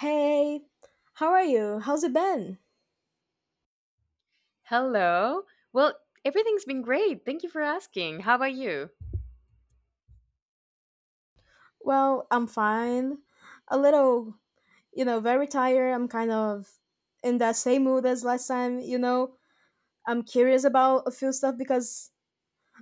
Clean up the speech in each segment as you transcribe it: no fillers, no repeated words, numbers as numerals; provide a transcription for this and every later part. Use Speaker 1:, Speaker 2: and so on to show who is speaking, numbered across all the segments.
Speaker 1: Hey, how are you? How's it been?
Speaker 2: Hello. Well, everything's been great. Thank you for asking. How about you?
Speaker 1: Well, I'm fine. A little, very tired. I'm kind of in that same mood as last time. I'm curious about a few stuff because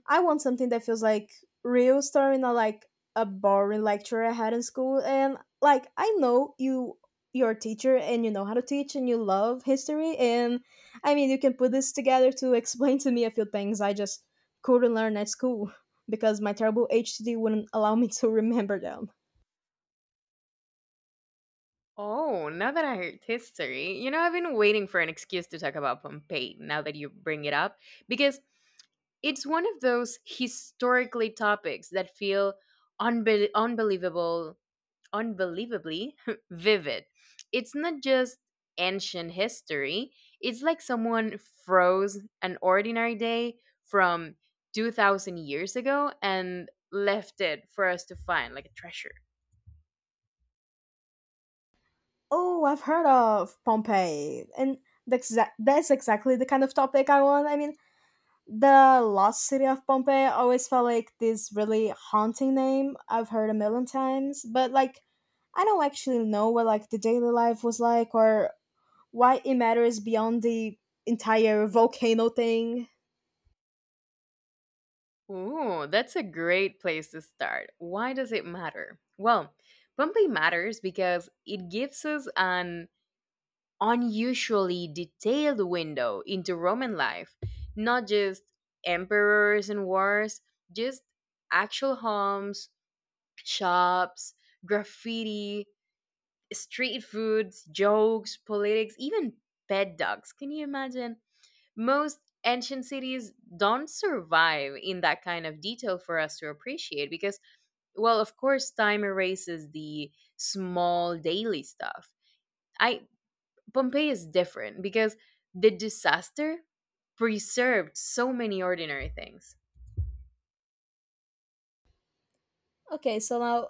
Speaker 1: I want something that feels like real story, not like a boring lecture I had in school. And like I know you're a teacher and you know how to teach and you love history and I mean you can put this together to explain to me a few things I just couldn't learn at school because my terrible HTD wouldn't allow me to remember them.
Speaker 2: Oh, now that I heard history, you know, I've been waiting for an excuse to talk about Pompeii now that you bring it up, because it's one of those historically topics that feel unbe- unbelievable unbelievably vivid. It's not just ancient history, it's like someone froze an ordinary day from 2000 years ago and left it for us to find like a treasure.
Speaker 1: Oh, I've heard of Pompeii and that's exactly the kind of topic I want. I mean, the lost city of Pompeii always felt like this really haunting name I've heard a million times but like I don't actually know what like the daily life was like or why it matters beyond the entire volcano thing.
Speaker 2: Ooh, that's a great place to start. Why does it matter? Well, Pompeii matters because it gives us an unusually detailed window into Roman life, not just emperors and wars, just actual homes, shops, graffiti, street foods, jokes, politics, even pet dogs. Can you imagine? Most ancient cities don't survive in that kind of detail for us to appreciate because, well, of course, time erases the small daily stuff I Pompeii is different because the disaster preserved so many ordinary things.
Speaker 1: Okay, so now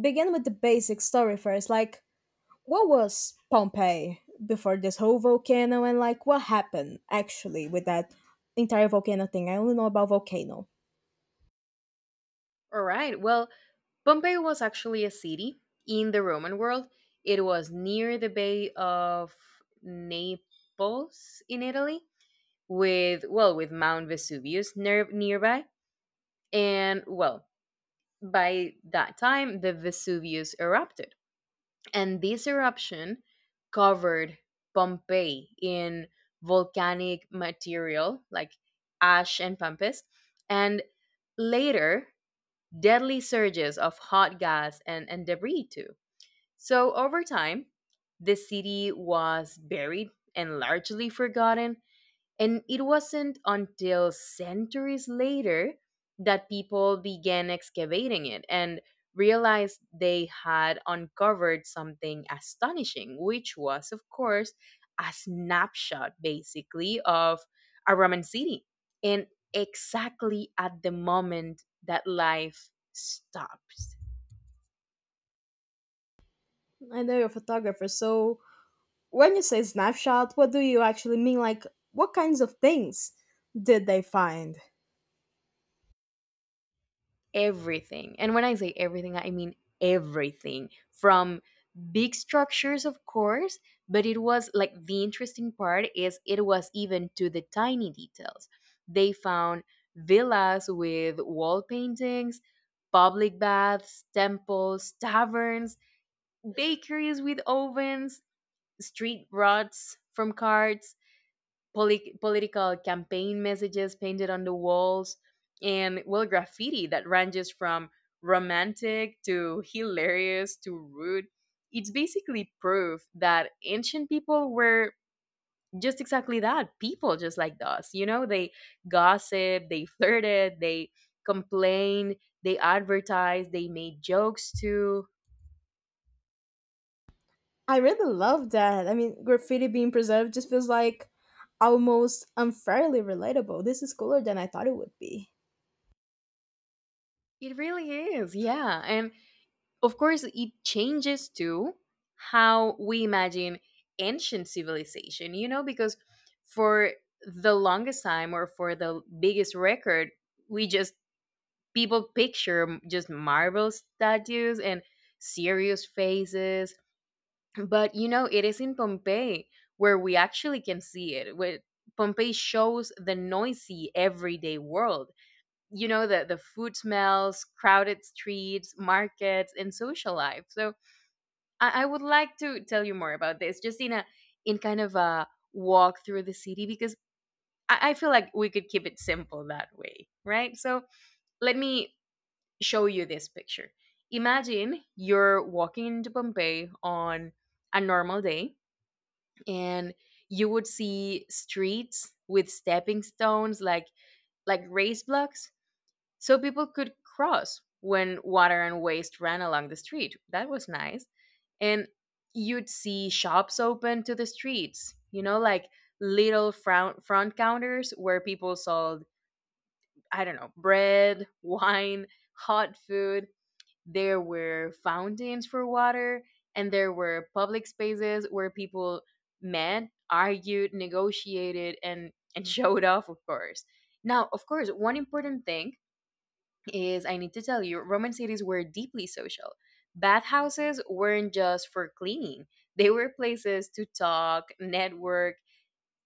Speaker 1: begin with the basic story first, like what was Pompeii before this whole volcano and like what happened actually with that entire volcano thing? I only know about volcano.
Speaker 2: All right, well, Pompeii was actually a city in the Roman world. It was near the Bay of Naples in Italy, with, well, with Mount Vesuvius nearby. And, well, by that time, the Vesuvius erupted, and this eruption covered Pompeii in volcanic material like ash and pampas, and later deadly surges of hot gas and debris too. So over time, the city was buried and largely forgotten, and it wasn't until centuries later that people began excavating it and realized they had uncovered something astonishing, which was, of course, a snapshot basically of a Roman city. And exactly at the moment that life stopped.
Speaker 1: I know you're a photographer, so when you say snapshot, what do you actually mean? Like, what kinds of things did they find?
Speaker 2: Everything. And when I say everything, I mean everything from big structures, of course, but it was like the interesting part is it was even to the tiny details. They found villas with wall paintings, public baths, temples, taverns, bakeries with ovens, street rods from carts, political campaign messages painted on the walls, and, well, graffiti that ranges from romantic to hilarious to rude. It's basically proof that ancient people were just exactly that, people just like us. You know, they gossiped, they flirted, they complained, they advertised, they made jokes too.
Speaker 1: I really love that. I mean, graffiti being preserved just feels like almost unfairly relatable. This is cooler than I thought it would be.
Speaker 2: It really is, yeah. And of course, it changes too how we imagine ancient civilization, you know, because for the longest time, or for the biggest record, we just, people picture just marble statues and serious faces. But you know, it is in Pompeii where we actually can see it. Where Pompeii shows the noisy everyday world, you know, the food smells, crowded streets, markets, and social life. So I would like to tell you more about this, just in kind of a walk through the city, because I feel like we could keep it simple that way, right? So let me show you this picture. Imagine you're walking into Pompeii on a normal day, and you would see streets with stepping stones, like race blocks, so people could cross when water and waste ran along the street. That was nice. And you'd see shops open to the streets, you know, like little front counters where people sold, I don't know, bread wine, hot food. There were fountains for water, and there were public spaces where people met, argued, negotiated, and showed off, of course. Now, of course, one important thing is I need to tell you, Roman cities were deeply social. Bathhouses weren't just for cleaning, they were places to talk, network,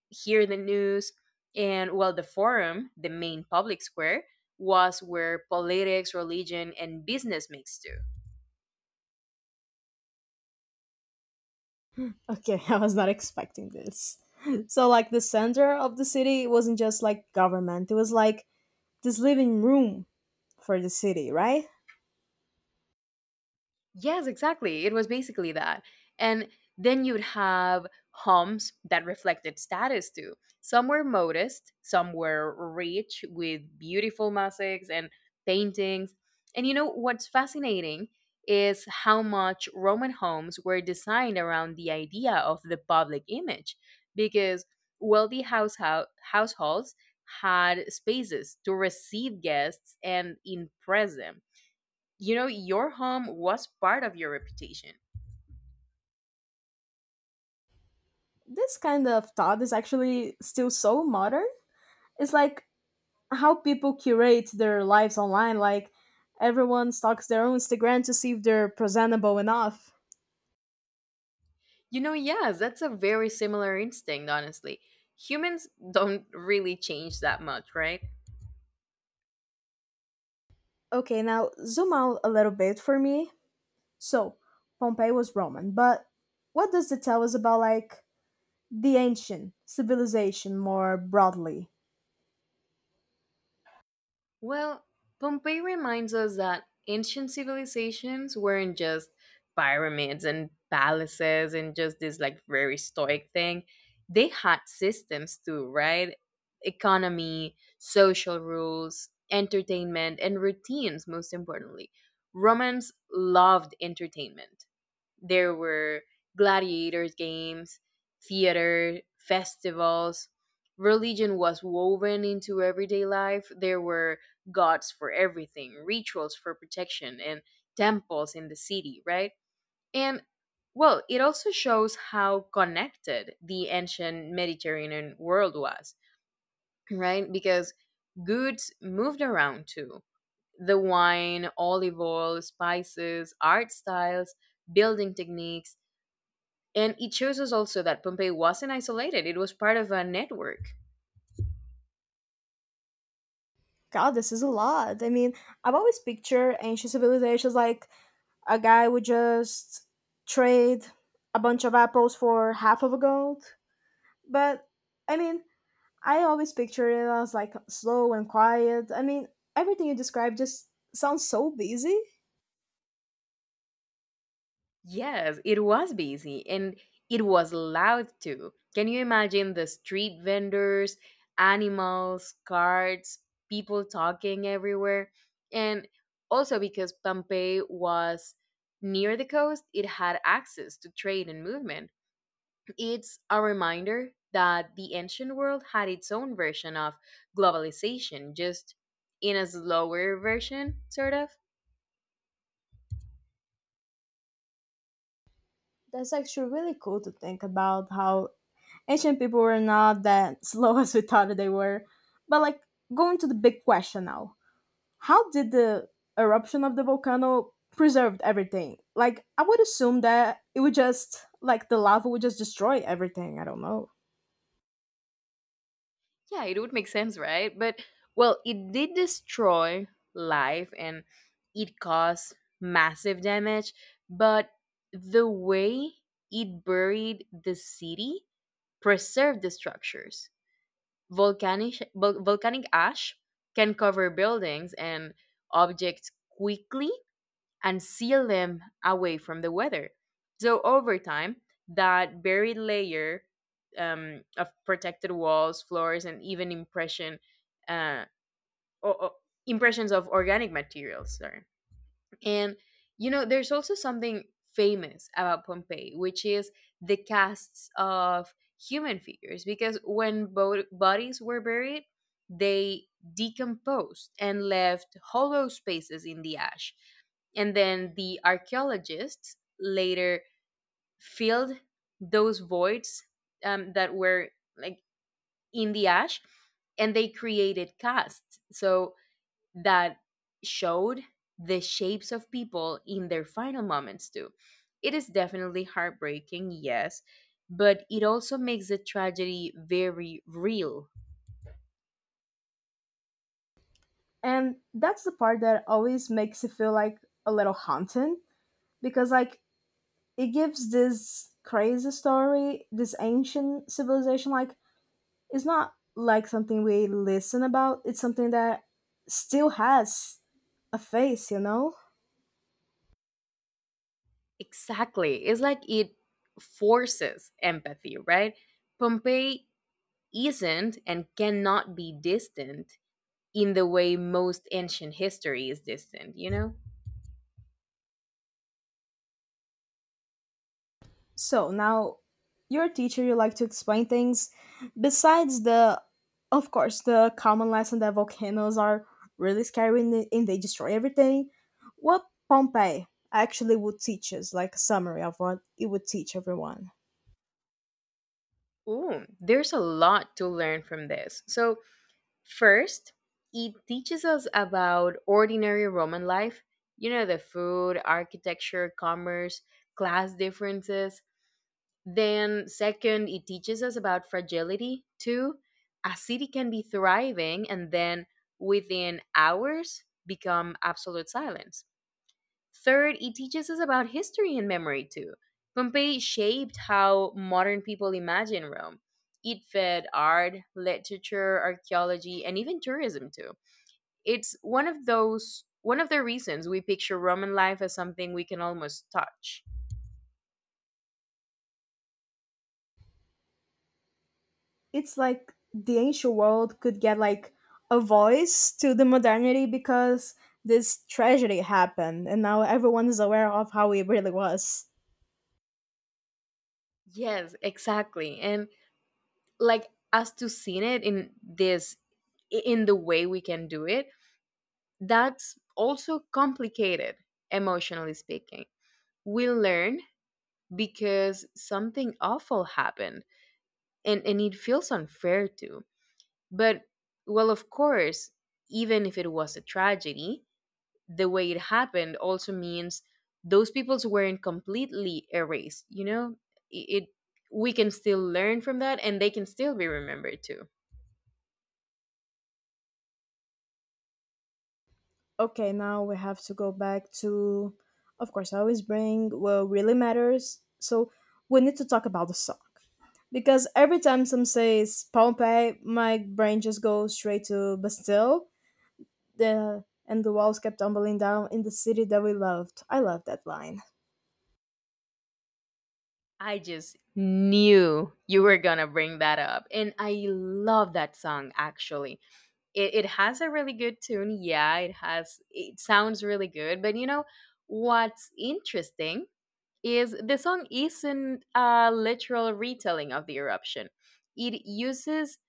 Speaker 2: hear the news, and while the forum, the main public square, was where politics, religion, and business mixed too.
Speaker 1: Okay, I was not expecting this. So, like, the center of the city wasn't just like government, it was like this living room for the city, right?
Speaker 2: Yes, exactly. It was basically that. And then you'd have homes that reflected status too. Some were modest, some were rich with beautiful mosaics and paintings. And you know what's fascinating is how much Roman homes were designed around the idea of the public image, because wealthy households had spaces to receive guests and impress them. You know, your home was part of your reputation.
Speaker 1: This kind of thought is actually still so modern. It's like how people curate their lives online. Like everyone stalks their own Instagram to see if they're presentable enough.
Speaker 2: You know, yes, that's a very similar instinct, honestly. Humans don't really change that much, right?
Speaker 1: Okay, now zoom out a little bit for me. So, Pompeii was Roman, but what does it tell us about like the ancient civilization more broadly?
Speaker 2: Well, Pompeii reminds us that ancient civilizations weren't just pyramids and palaces and just this like very stoic thing. They had systems too, right? Economy, social rules, entertainment, and routines, most importantly. Romans loved entertainment. There were gladiators, games, theater, festivals. Religion was woven into everyday life. There were gods for everything, rituals for protection, and temples in the city, right? And, well, it also shows how connected the ancient Mediterranean world was, right? Because goods moved around too. The wine, olive oil, spices, art styles, building techniques, and it shows us also that Pompeii wasn't isolated, it was part of a network.
Speaker 1: God, this is a lot. I mean, I've always pictured ancient civilizations like a guy would just trade a bunch of apples for half of a gold. But I mean, I always picture it as like slow and quiet. I mean, everything you described just sounds so busy.
Speaker 2: Yes, it was busy, and it was loud too. Can you imagine the street vendors, animals, carts, people talking everywhere? And also because Pompeii was near the coast, it had access to trade and movement. It's a reminder that the ancient world had its own version of globalization, just in a slower version, sort of.
Speaker 1: That's actually really cool to think about how ancient people were not that slow as we thought they were. But like going to the big question now. How did the eruption of the volcano preserved everything? Like I would assume that it would just like the lava would just destroy everything. I don't know.
Speaker 2: Yeah, it would make sense, right? But, well, it did destroy life and it caused massive damage, but the way it buried the city preserved the structures. Volcanic ash can cover buildings and objects quickly, and seal them away from the weather. So over time, that buried layer of protected walls, floors, and even uh, o- o- impressions of organic materials. Sorry. And you know, there's also something famous about Pompeii, which is the casts of human figures, because when bodies were buried, they decomposed and left hollow spaces in the ash. And then the archaeologists later filled those voids, that were like in the ash, and they created casts. So that showed the shapes of people in their final moments too. It is definitely heartbreaking, yes, but it also makes the tragedy very real.
Speaker 1: And that's the part that always makes it feel like a little haunting because like it gives this crazy story, this ancient civilization. Like it's not like something we listen about. It's something that still has a face, you know.
Speaker 2: Exactly. It's like it forces empathy, right? Pompeii isn't and cannot be distant in the way most ancient history is distant, you know?
Speaker 1: So now, you're a teacher. You like to explain things. Besides the, of course, the common lesson that volcanoes are really scary and they destroy everything. What Pompeii actually would teach us, like a summary of what it would teach everyone.
Speaker 2: Ooh, there's a lot to learn from this. So, first, it teaches us about ordinary Roman life, you know, the food, architecture, commerce, class differences. Then, second, it teaches us about fragility too. A city can be thriving and then within hours become absolute silence. Third, it teaches us about history and memory too. Pompeii shaped how modern people imagine Rome. It fed art, literature, archaeology, and even tourism too. It's one of the reasons we picture Roman life as something we can almost touch.
Speaker 1: It's like the ancient world could get like a voice to the modernity because this tragedy happened and now everyone is aware of how it really was.
Speaker 2: Yes, exactly. And like us to seeing it in the way we can do it, that's also complicated emotionally speaking. We learn because something awful happened, and it feels unfair too. But, well, of course, even if it was a tragedy, the way it happened also means those peoples weren't completely erased, you know? It We can still learn from that, and they can still be remembered too.
Speaker 1: Okay, now we have to go back to, of course, I always bring what really matters. So we need to talk about the song. Because every time some says Pompeii, my brain just goes straight to Bastille. The and the walls kept tumbling down in the city that we loved. I love that line.
Speaker 2: I just knew you were gonna bring that up. And I love that song actually. It has a really good tune, yeah. It sounds really good. But you know what's interesting is the song isn't a literal retelling of the eruption. It uses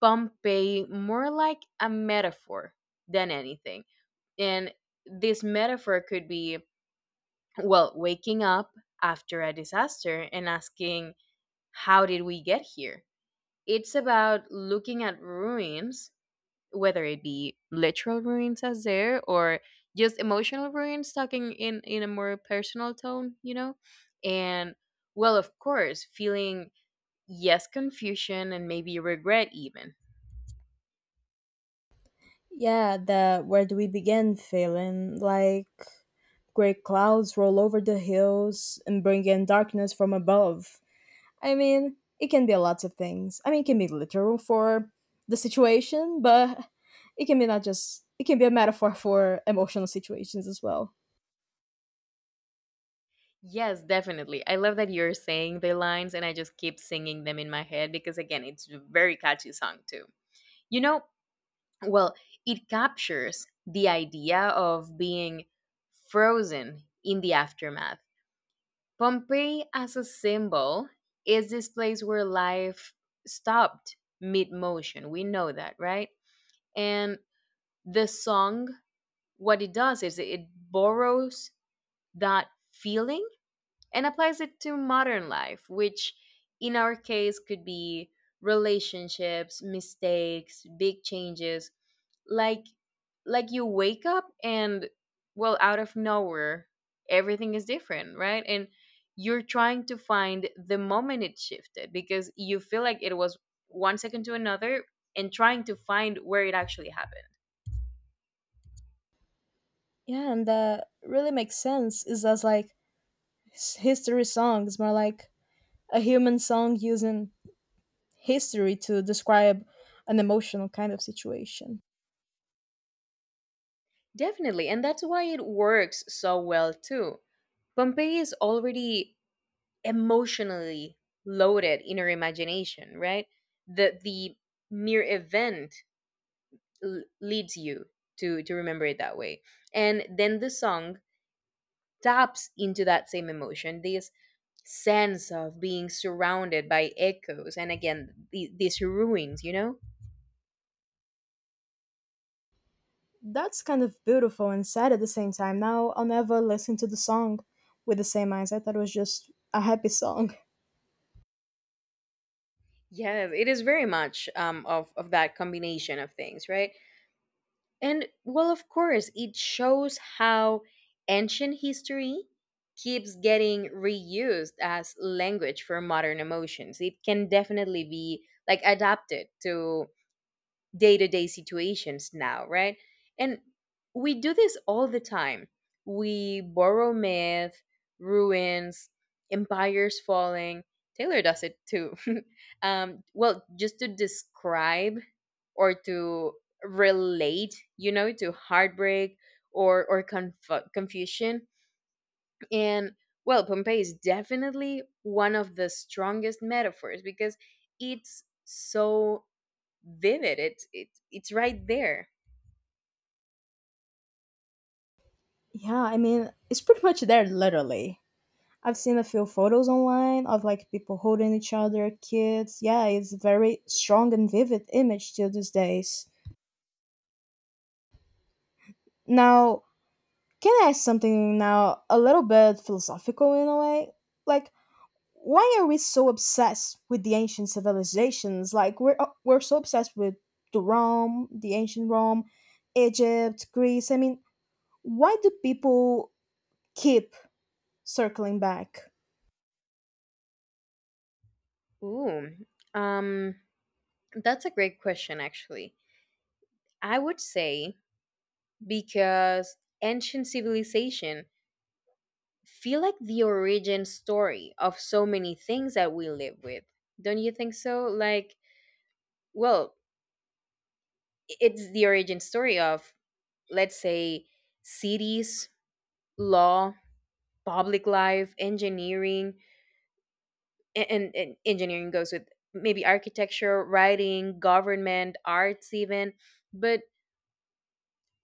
Speaker 2: Pompeii more like a metaphor than anything. And this metaphor could be, well, waking up after a disaster and asking, how did we get here? It's about looking at ruins, whether it be literal ruins as there, or just emotional ruins, talking in a more personal tone, you know. And, well, of course, feeling, yes, confusion, and maybe regret even.
Speaker 1: Yeah, the where do we begin feeling like great clouds roll over the hills and bring in darkness from above. I mean, it can be lots of things. I mean, it can be literal for the situation, but it can be not just it can be a metaphor for emotional situations as well.
Speaker 2: Yes, definitely. I love that you're saying the lines, and I just keep singing them in my head because, again, it's a very catchy song too, you know. Well, it captures the idea of being frozen in the aftermath. Pompeii as a symbol is this place where life stopped mid motion. We know that, right? And the song, what it does is it borrows that feeling and applies it to modern life, which in our case could be relationships, mistakes, big changes. Like like you wake up and, well, out of nowhere everything is different, right? And you're trying to find the moment it shifted because you feel like it was one second to another, and trying to find where it actually happened.
Speaker 1: Yeah, and that really makes sense. Is as like history songs, more like a human song using history to describe an emotional kind of situation.
Speaker 2: Definitely, and that's why it works so well too. Pompeii is already emotionally loaded in our imagination, right? The mere event leads you to remember it that way. And then the song taps into that same emotion, this sense of being surrounded by echoes, and again, these ruins, you know.
Speaker 1: That's kind of beautiful and sad at the same time. Now I'll never listen to the song with the same eyes. I thought it was just a happy song.
Speaker 2: Yes, it is very much of that combination of things, right. And, well, of course, it shows how ancient history keeps getting reused as language for modern emotions. It can definitely be like adapted to day situations now, right? And we do this all the time. We borrow myth, ruins, empires falling. Taylor does it too. Well, just to describe or to relate, you know, to heartbreak or confusion. And well, Pompeii is definitely one of the strongest metaphors because it's so vivid. It's right there.
Speaker 1: Yeah, I mean it's pretty much there literally. I've seen a few photos online of like people holding each other, kids. Yeah, it's very strong and vivid image till these days. Now can I ask something now, a little bit philosophical in a way? Like, why are we so obsessed with the ancient civilizations? Like, we're so obsessed with the Rome, the ancient Rome, Egypt, Greece. I mean, why do people keep circling back?
Speaker 2: Ooh, um, that's a great question. Actually, I would say because ancient civilization feel like the origin story of so many things that we live with. Don't you think so? Like, well, it's the origin story of, let's say, cities, law, public life, engineering, and engineering goes with maybe architecture, writing, government, arts even, but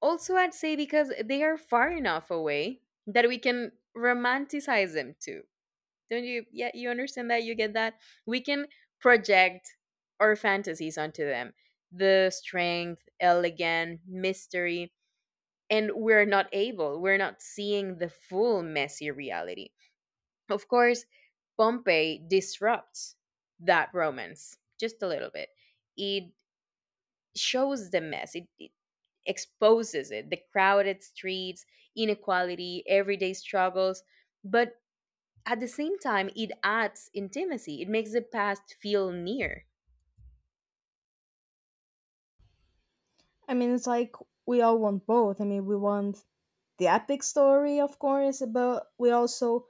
Speaker 2: also I'd say because they are far enough away that we can romanticize them too. Don't you, yeah, you understand that, you get that. We can project our fantasies onto them, the strength, elegance, mystery, and we're not seeing the full messy reality. Of course, Pompeii disrupts that romance just a little bit. It shows the mess, it exposes it, the crowded streets, inequality, everyday struggles. But at the same time, it adds intimacy, it makes the past feel near.
Speaker 1: I mean, it's like we all want both. I mean, we want the epic story, of course, but we also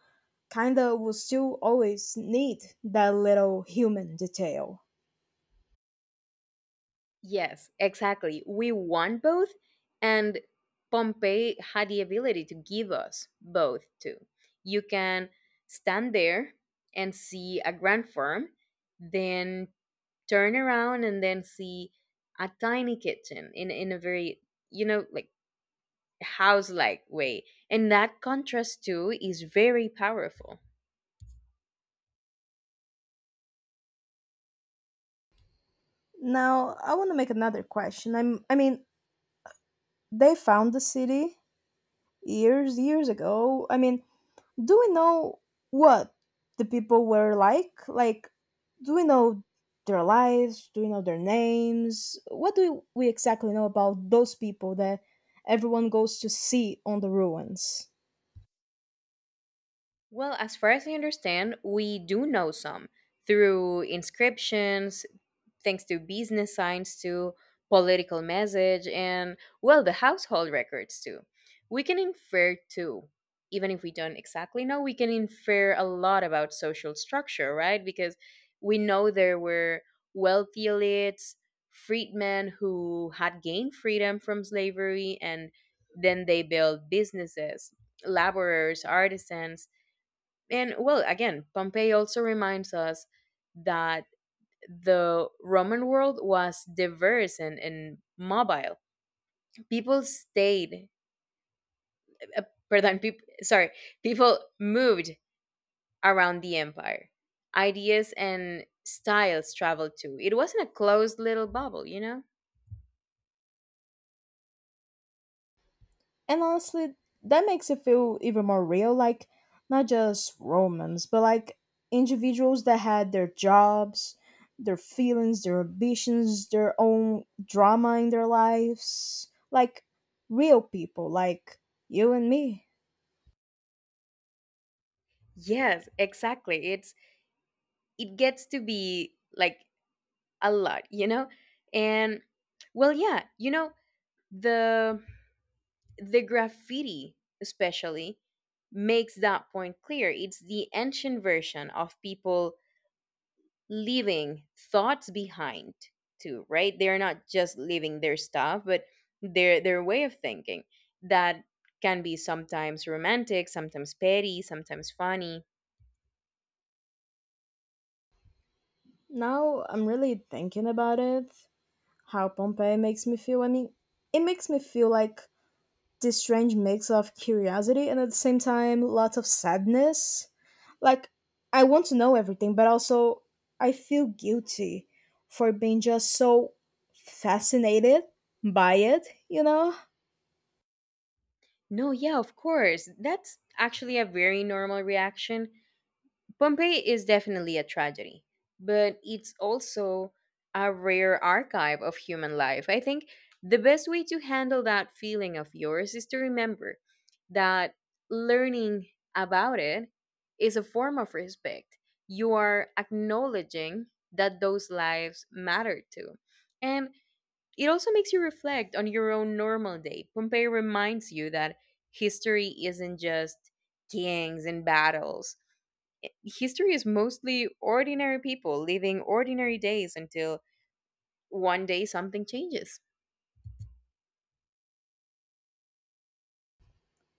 Speaker 1: kind of will still always need that little human detail.
Speaker 2: Yes, exactly. We want both, and Pompeii had the ability to give us both too. You can stand there and see a grand farm, then turn around and then see a tiny kitchen in a very, you know, like, house like way, and that contrast too is very powerful.
Speaker 1: Now, I want to make another question. I mean, they found the city years, years ago. I mean, do we know what the people were like? Like, do we know their lives? Do we know their names? What do we exactly know about those people that everyone goes to see on the ruins?
Speaker 2: Well, as far as I understand, we do know some through inscriptions, thanks to business signs, to political message, and well, the household records too. We can infer too, even if we don't exactly know. We can infer a lot about social structure, right? Because we know there were wealthy elites, freedmen who had gained freedom from slavery and then they built businesses, laborers, artisans. And well, again, Pompeii also reminds us that the Roman world was diverse and mobile. People stayed, uh, pardon, peop, sorry, people moved around the empire. Ideas and styles traveled too. It wasn't a closed little bubble, you know?
Speaker 1: And honestly, that makes it feel even more real, like not just romance, but like individuals that had their jobs, their feelings, their ambitions, their own drama in their lives. Like real people, like you and me.
Speaker 2: Yes, exactly. It's, it gets to be like a lot, you know. And well, yeah, you know, the the graffiti especially makes that point clear. It's the ancient version of people leaving thoughts behind too, right? They're not just leaving their stuff but their way of thinking, that can be sometimes romantic, sometimes petty, sometimes funny.
Speaker 1: Now I'm really thinking about it, how Pompeii makes me feel. I mean, it makes me feel like this strange mix of curiosity and at the same time lots of sadness. Like I want to know everything, but also I feel guilty for being just so fascinated by it, you know?
Speaker 2: No, yeah, of course. That's actually a very normal reaction. Pompeii is definitely a tragedy, but it's also a rare archive of human life. I think the best way to handle that feeling of yours is to remember that learning about it is a form of respect. You are acknowledging that those lives matter too. And it also makes you reflect on your own normal day. Pompeii reminds you that history isn't just kings and battles. History is mostly ordinary people living ordinary days until one day something changes.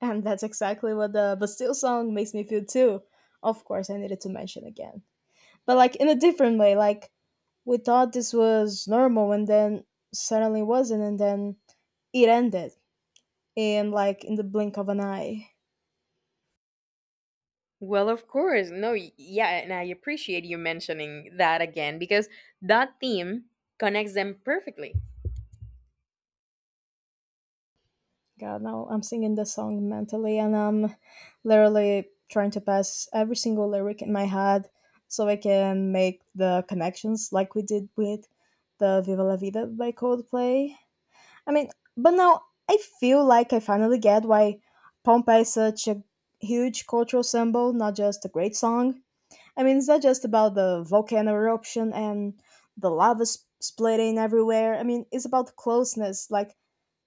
Speaker 1: And that's exactly what the Bastille song makes me feel too. Of course, I needed to mention again. But like in a different way, like we thought this was normal and then suddenly wasn't and then it ended in like in the blink of an eye.
Speaker 2: Well, of course. No, yeah, and I appreciate you mentioning that again because that theme connects them perfectly.
Speaker 1: God, now I'm singing the song mentally and I'm literally trying to pass every single lyric in my head so I can make the connections like we did with the Viva La Vida by Coldplay. I mean, but now I feel like I finally get why Pompeii is such a huge cultural symbol, not just a great song. I mean, it's not just about the volcano eruption and the splitting everywhere. I mean, it's about closeness, like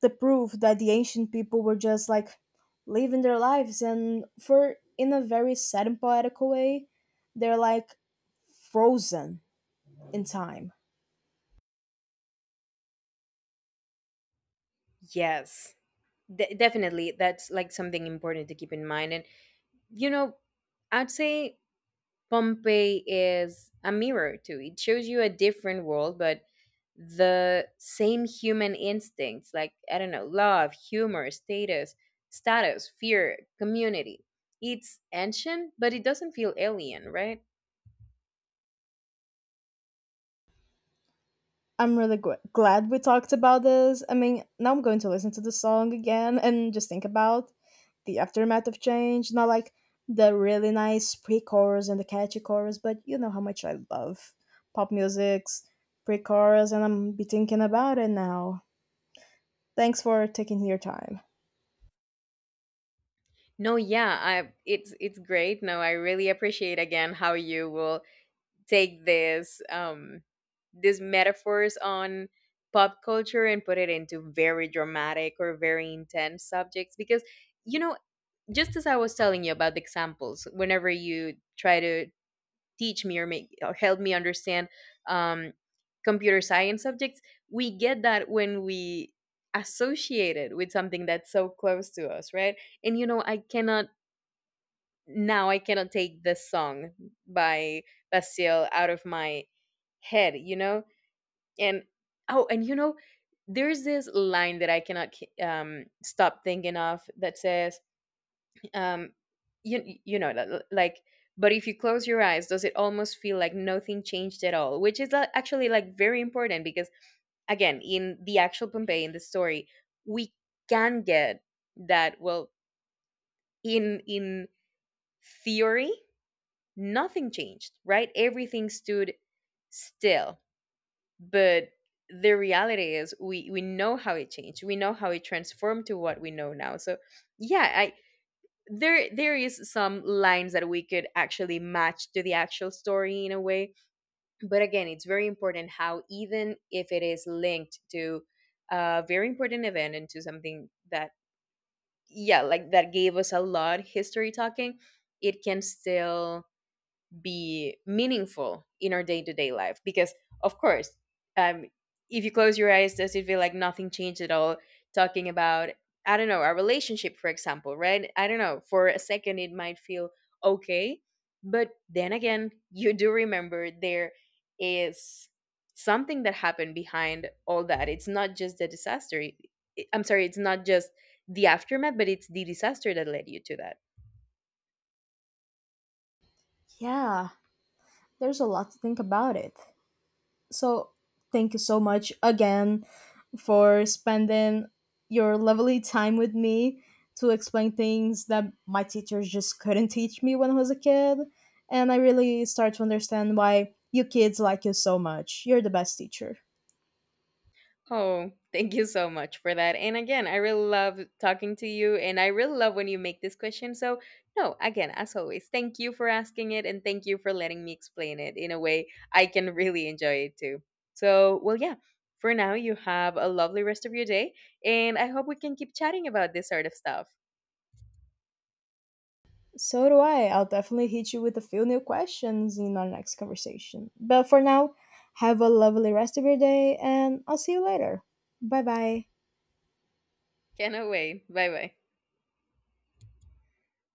Speaker 1: the proof that the ancient people were just like living their lives and for in a very sad and poetical way, they're like frozen in time.
Speaker 2: Yes, definitely. That's like something important to keep in mind. And, you know, I'd say Pompeii is a mirror too. It shows you a different world, but the same human instincts, like, I don't know, love, humor, status, status, fear, community. It's ancient but it doesn't feel alien, right?
Speaker 1: I'm really glad we talked about this. I mean, now I'm going to listen to the song again and just think about the aftermath of change, not like the really nice pre-chorus and the catchy chorus, but you know how much I love pop music's pre-chorus and I'm be thinking about it now. Thanks for taking your time.
Speaker 2: No, yeah, I, it's great. No, I really appreciate again how you will take this these metaphors on pop culture and put it into very dramatic or very intense subjects because, you know, just as I was telling you about the examples, whenever you try to teach me or make or help me understand um, computer science subjects, we get that when we associate it with something that's so close to us, right? And you know, I cannot now I cannot take this song by Basil out of my head, you know? And oh, and you know, there's this line that I cannot stop thinking of, that says, um you, you know, like, but if you close your eyes, does it almost feel like nothing changed at all? Which is, actually, like, very important because again, in the actual Pompeii, in the story, we can get that, well, in theory, nothing changed, right? Everything stood still, but the reality is, we know how it changed, we know how it transformed to what we know now. So yeah, I. There is some lines that we could actually match to the actual story in a way, but again, it's very important how even if it is linked to a very important event and to something that, yeah, like, that gave us a lot, history talking, it can still be meaningful in our day-to-day life because, of course, um if you close your eyes, does it feel like nothing changed at all? Talking about, I don't know, our relationship, for example, right? I don't know, for a second it might feel okay, but then again, you do remember there is something that happened behind all that. It's not just the disaster. I'm sorry, it's not just the aftermath, but it's the disaster that led you to that.
Speaker 1: Yeah, there's a lot to think about it. So thank you so much again for spending your lovely time with me to explain things that my teachers just couldn't teach me when I was a kid. And I really start to understand why you kids like you so much. You're the best teacher.
Speaker 2: Oh, thank you so much for that. And again, I really love talking to you and I really love when you make this question. So, no, again, as always, thank you for asking it and thank you for letting me explain it in a way I can really enjoy it too. So, well, yeah, for now, you have a lovely rest of your day and I hope we can keep chatting about this sort of stuff.
Speaker 1: So do I. I'll definitely hit you with a few new questions in our next conversation. But for now, have a lovely rest of your day and I'll see you later. Bye bye.
Speaker 2: Cannot wait. Bye bye.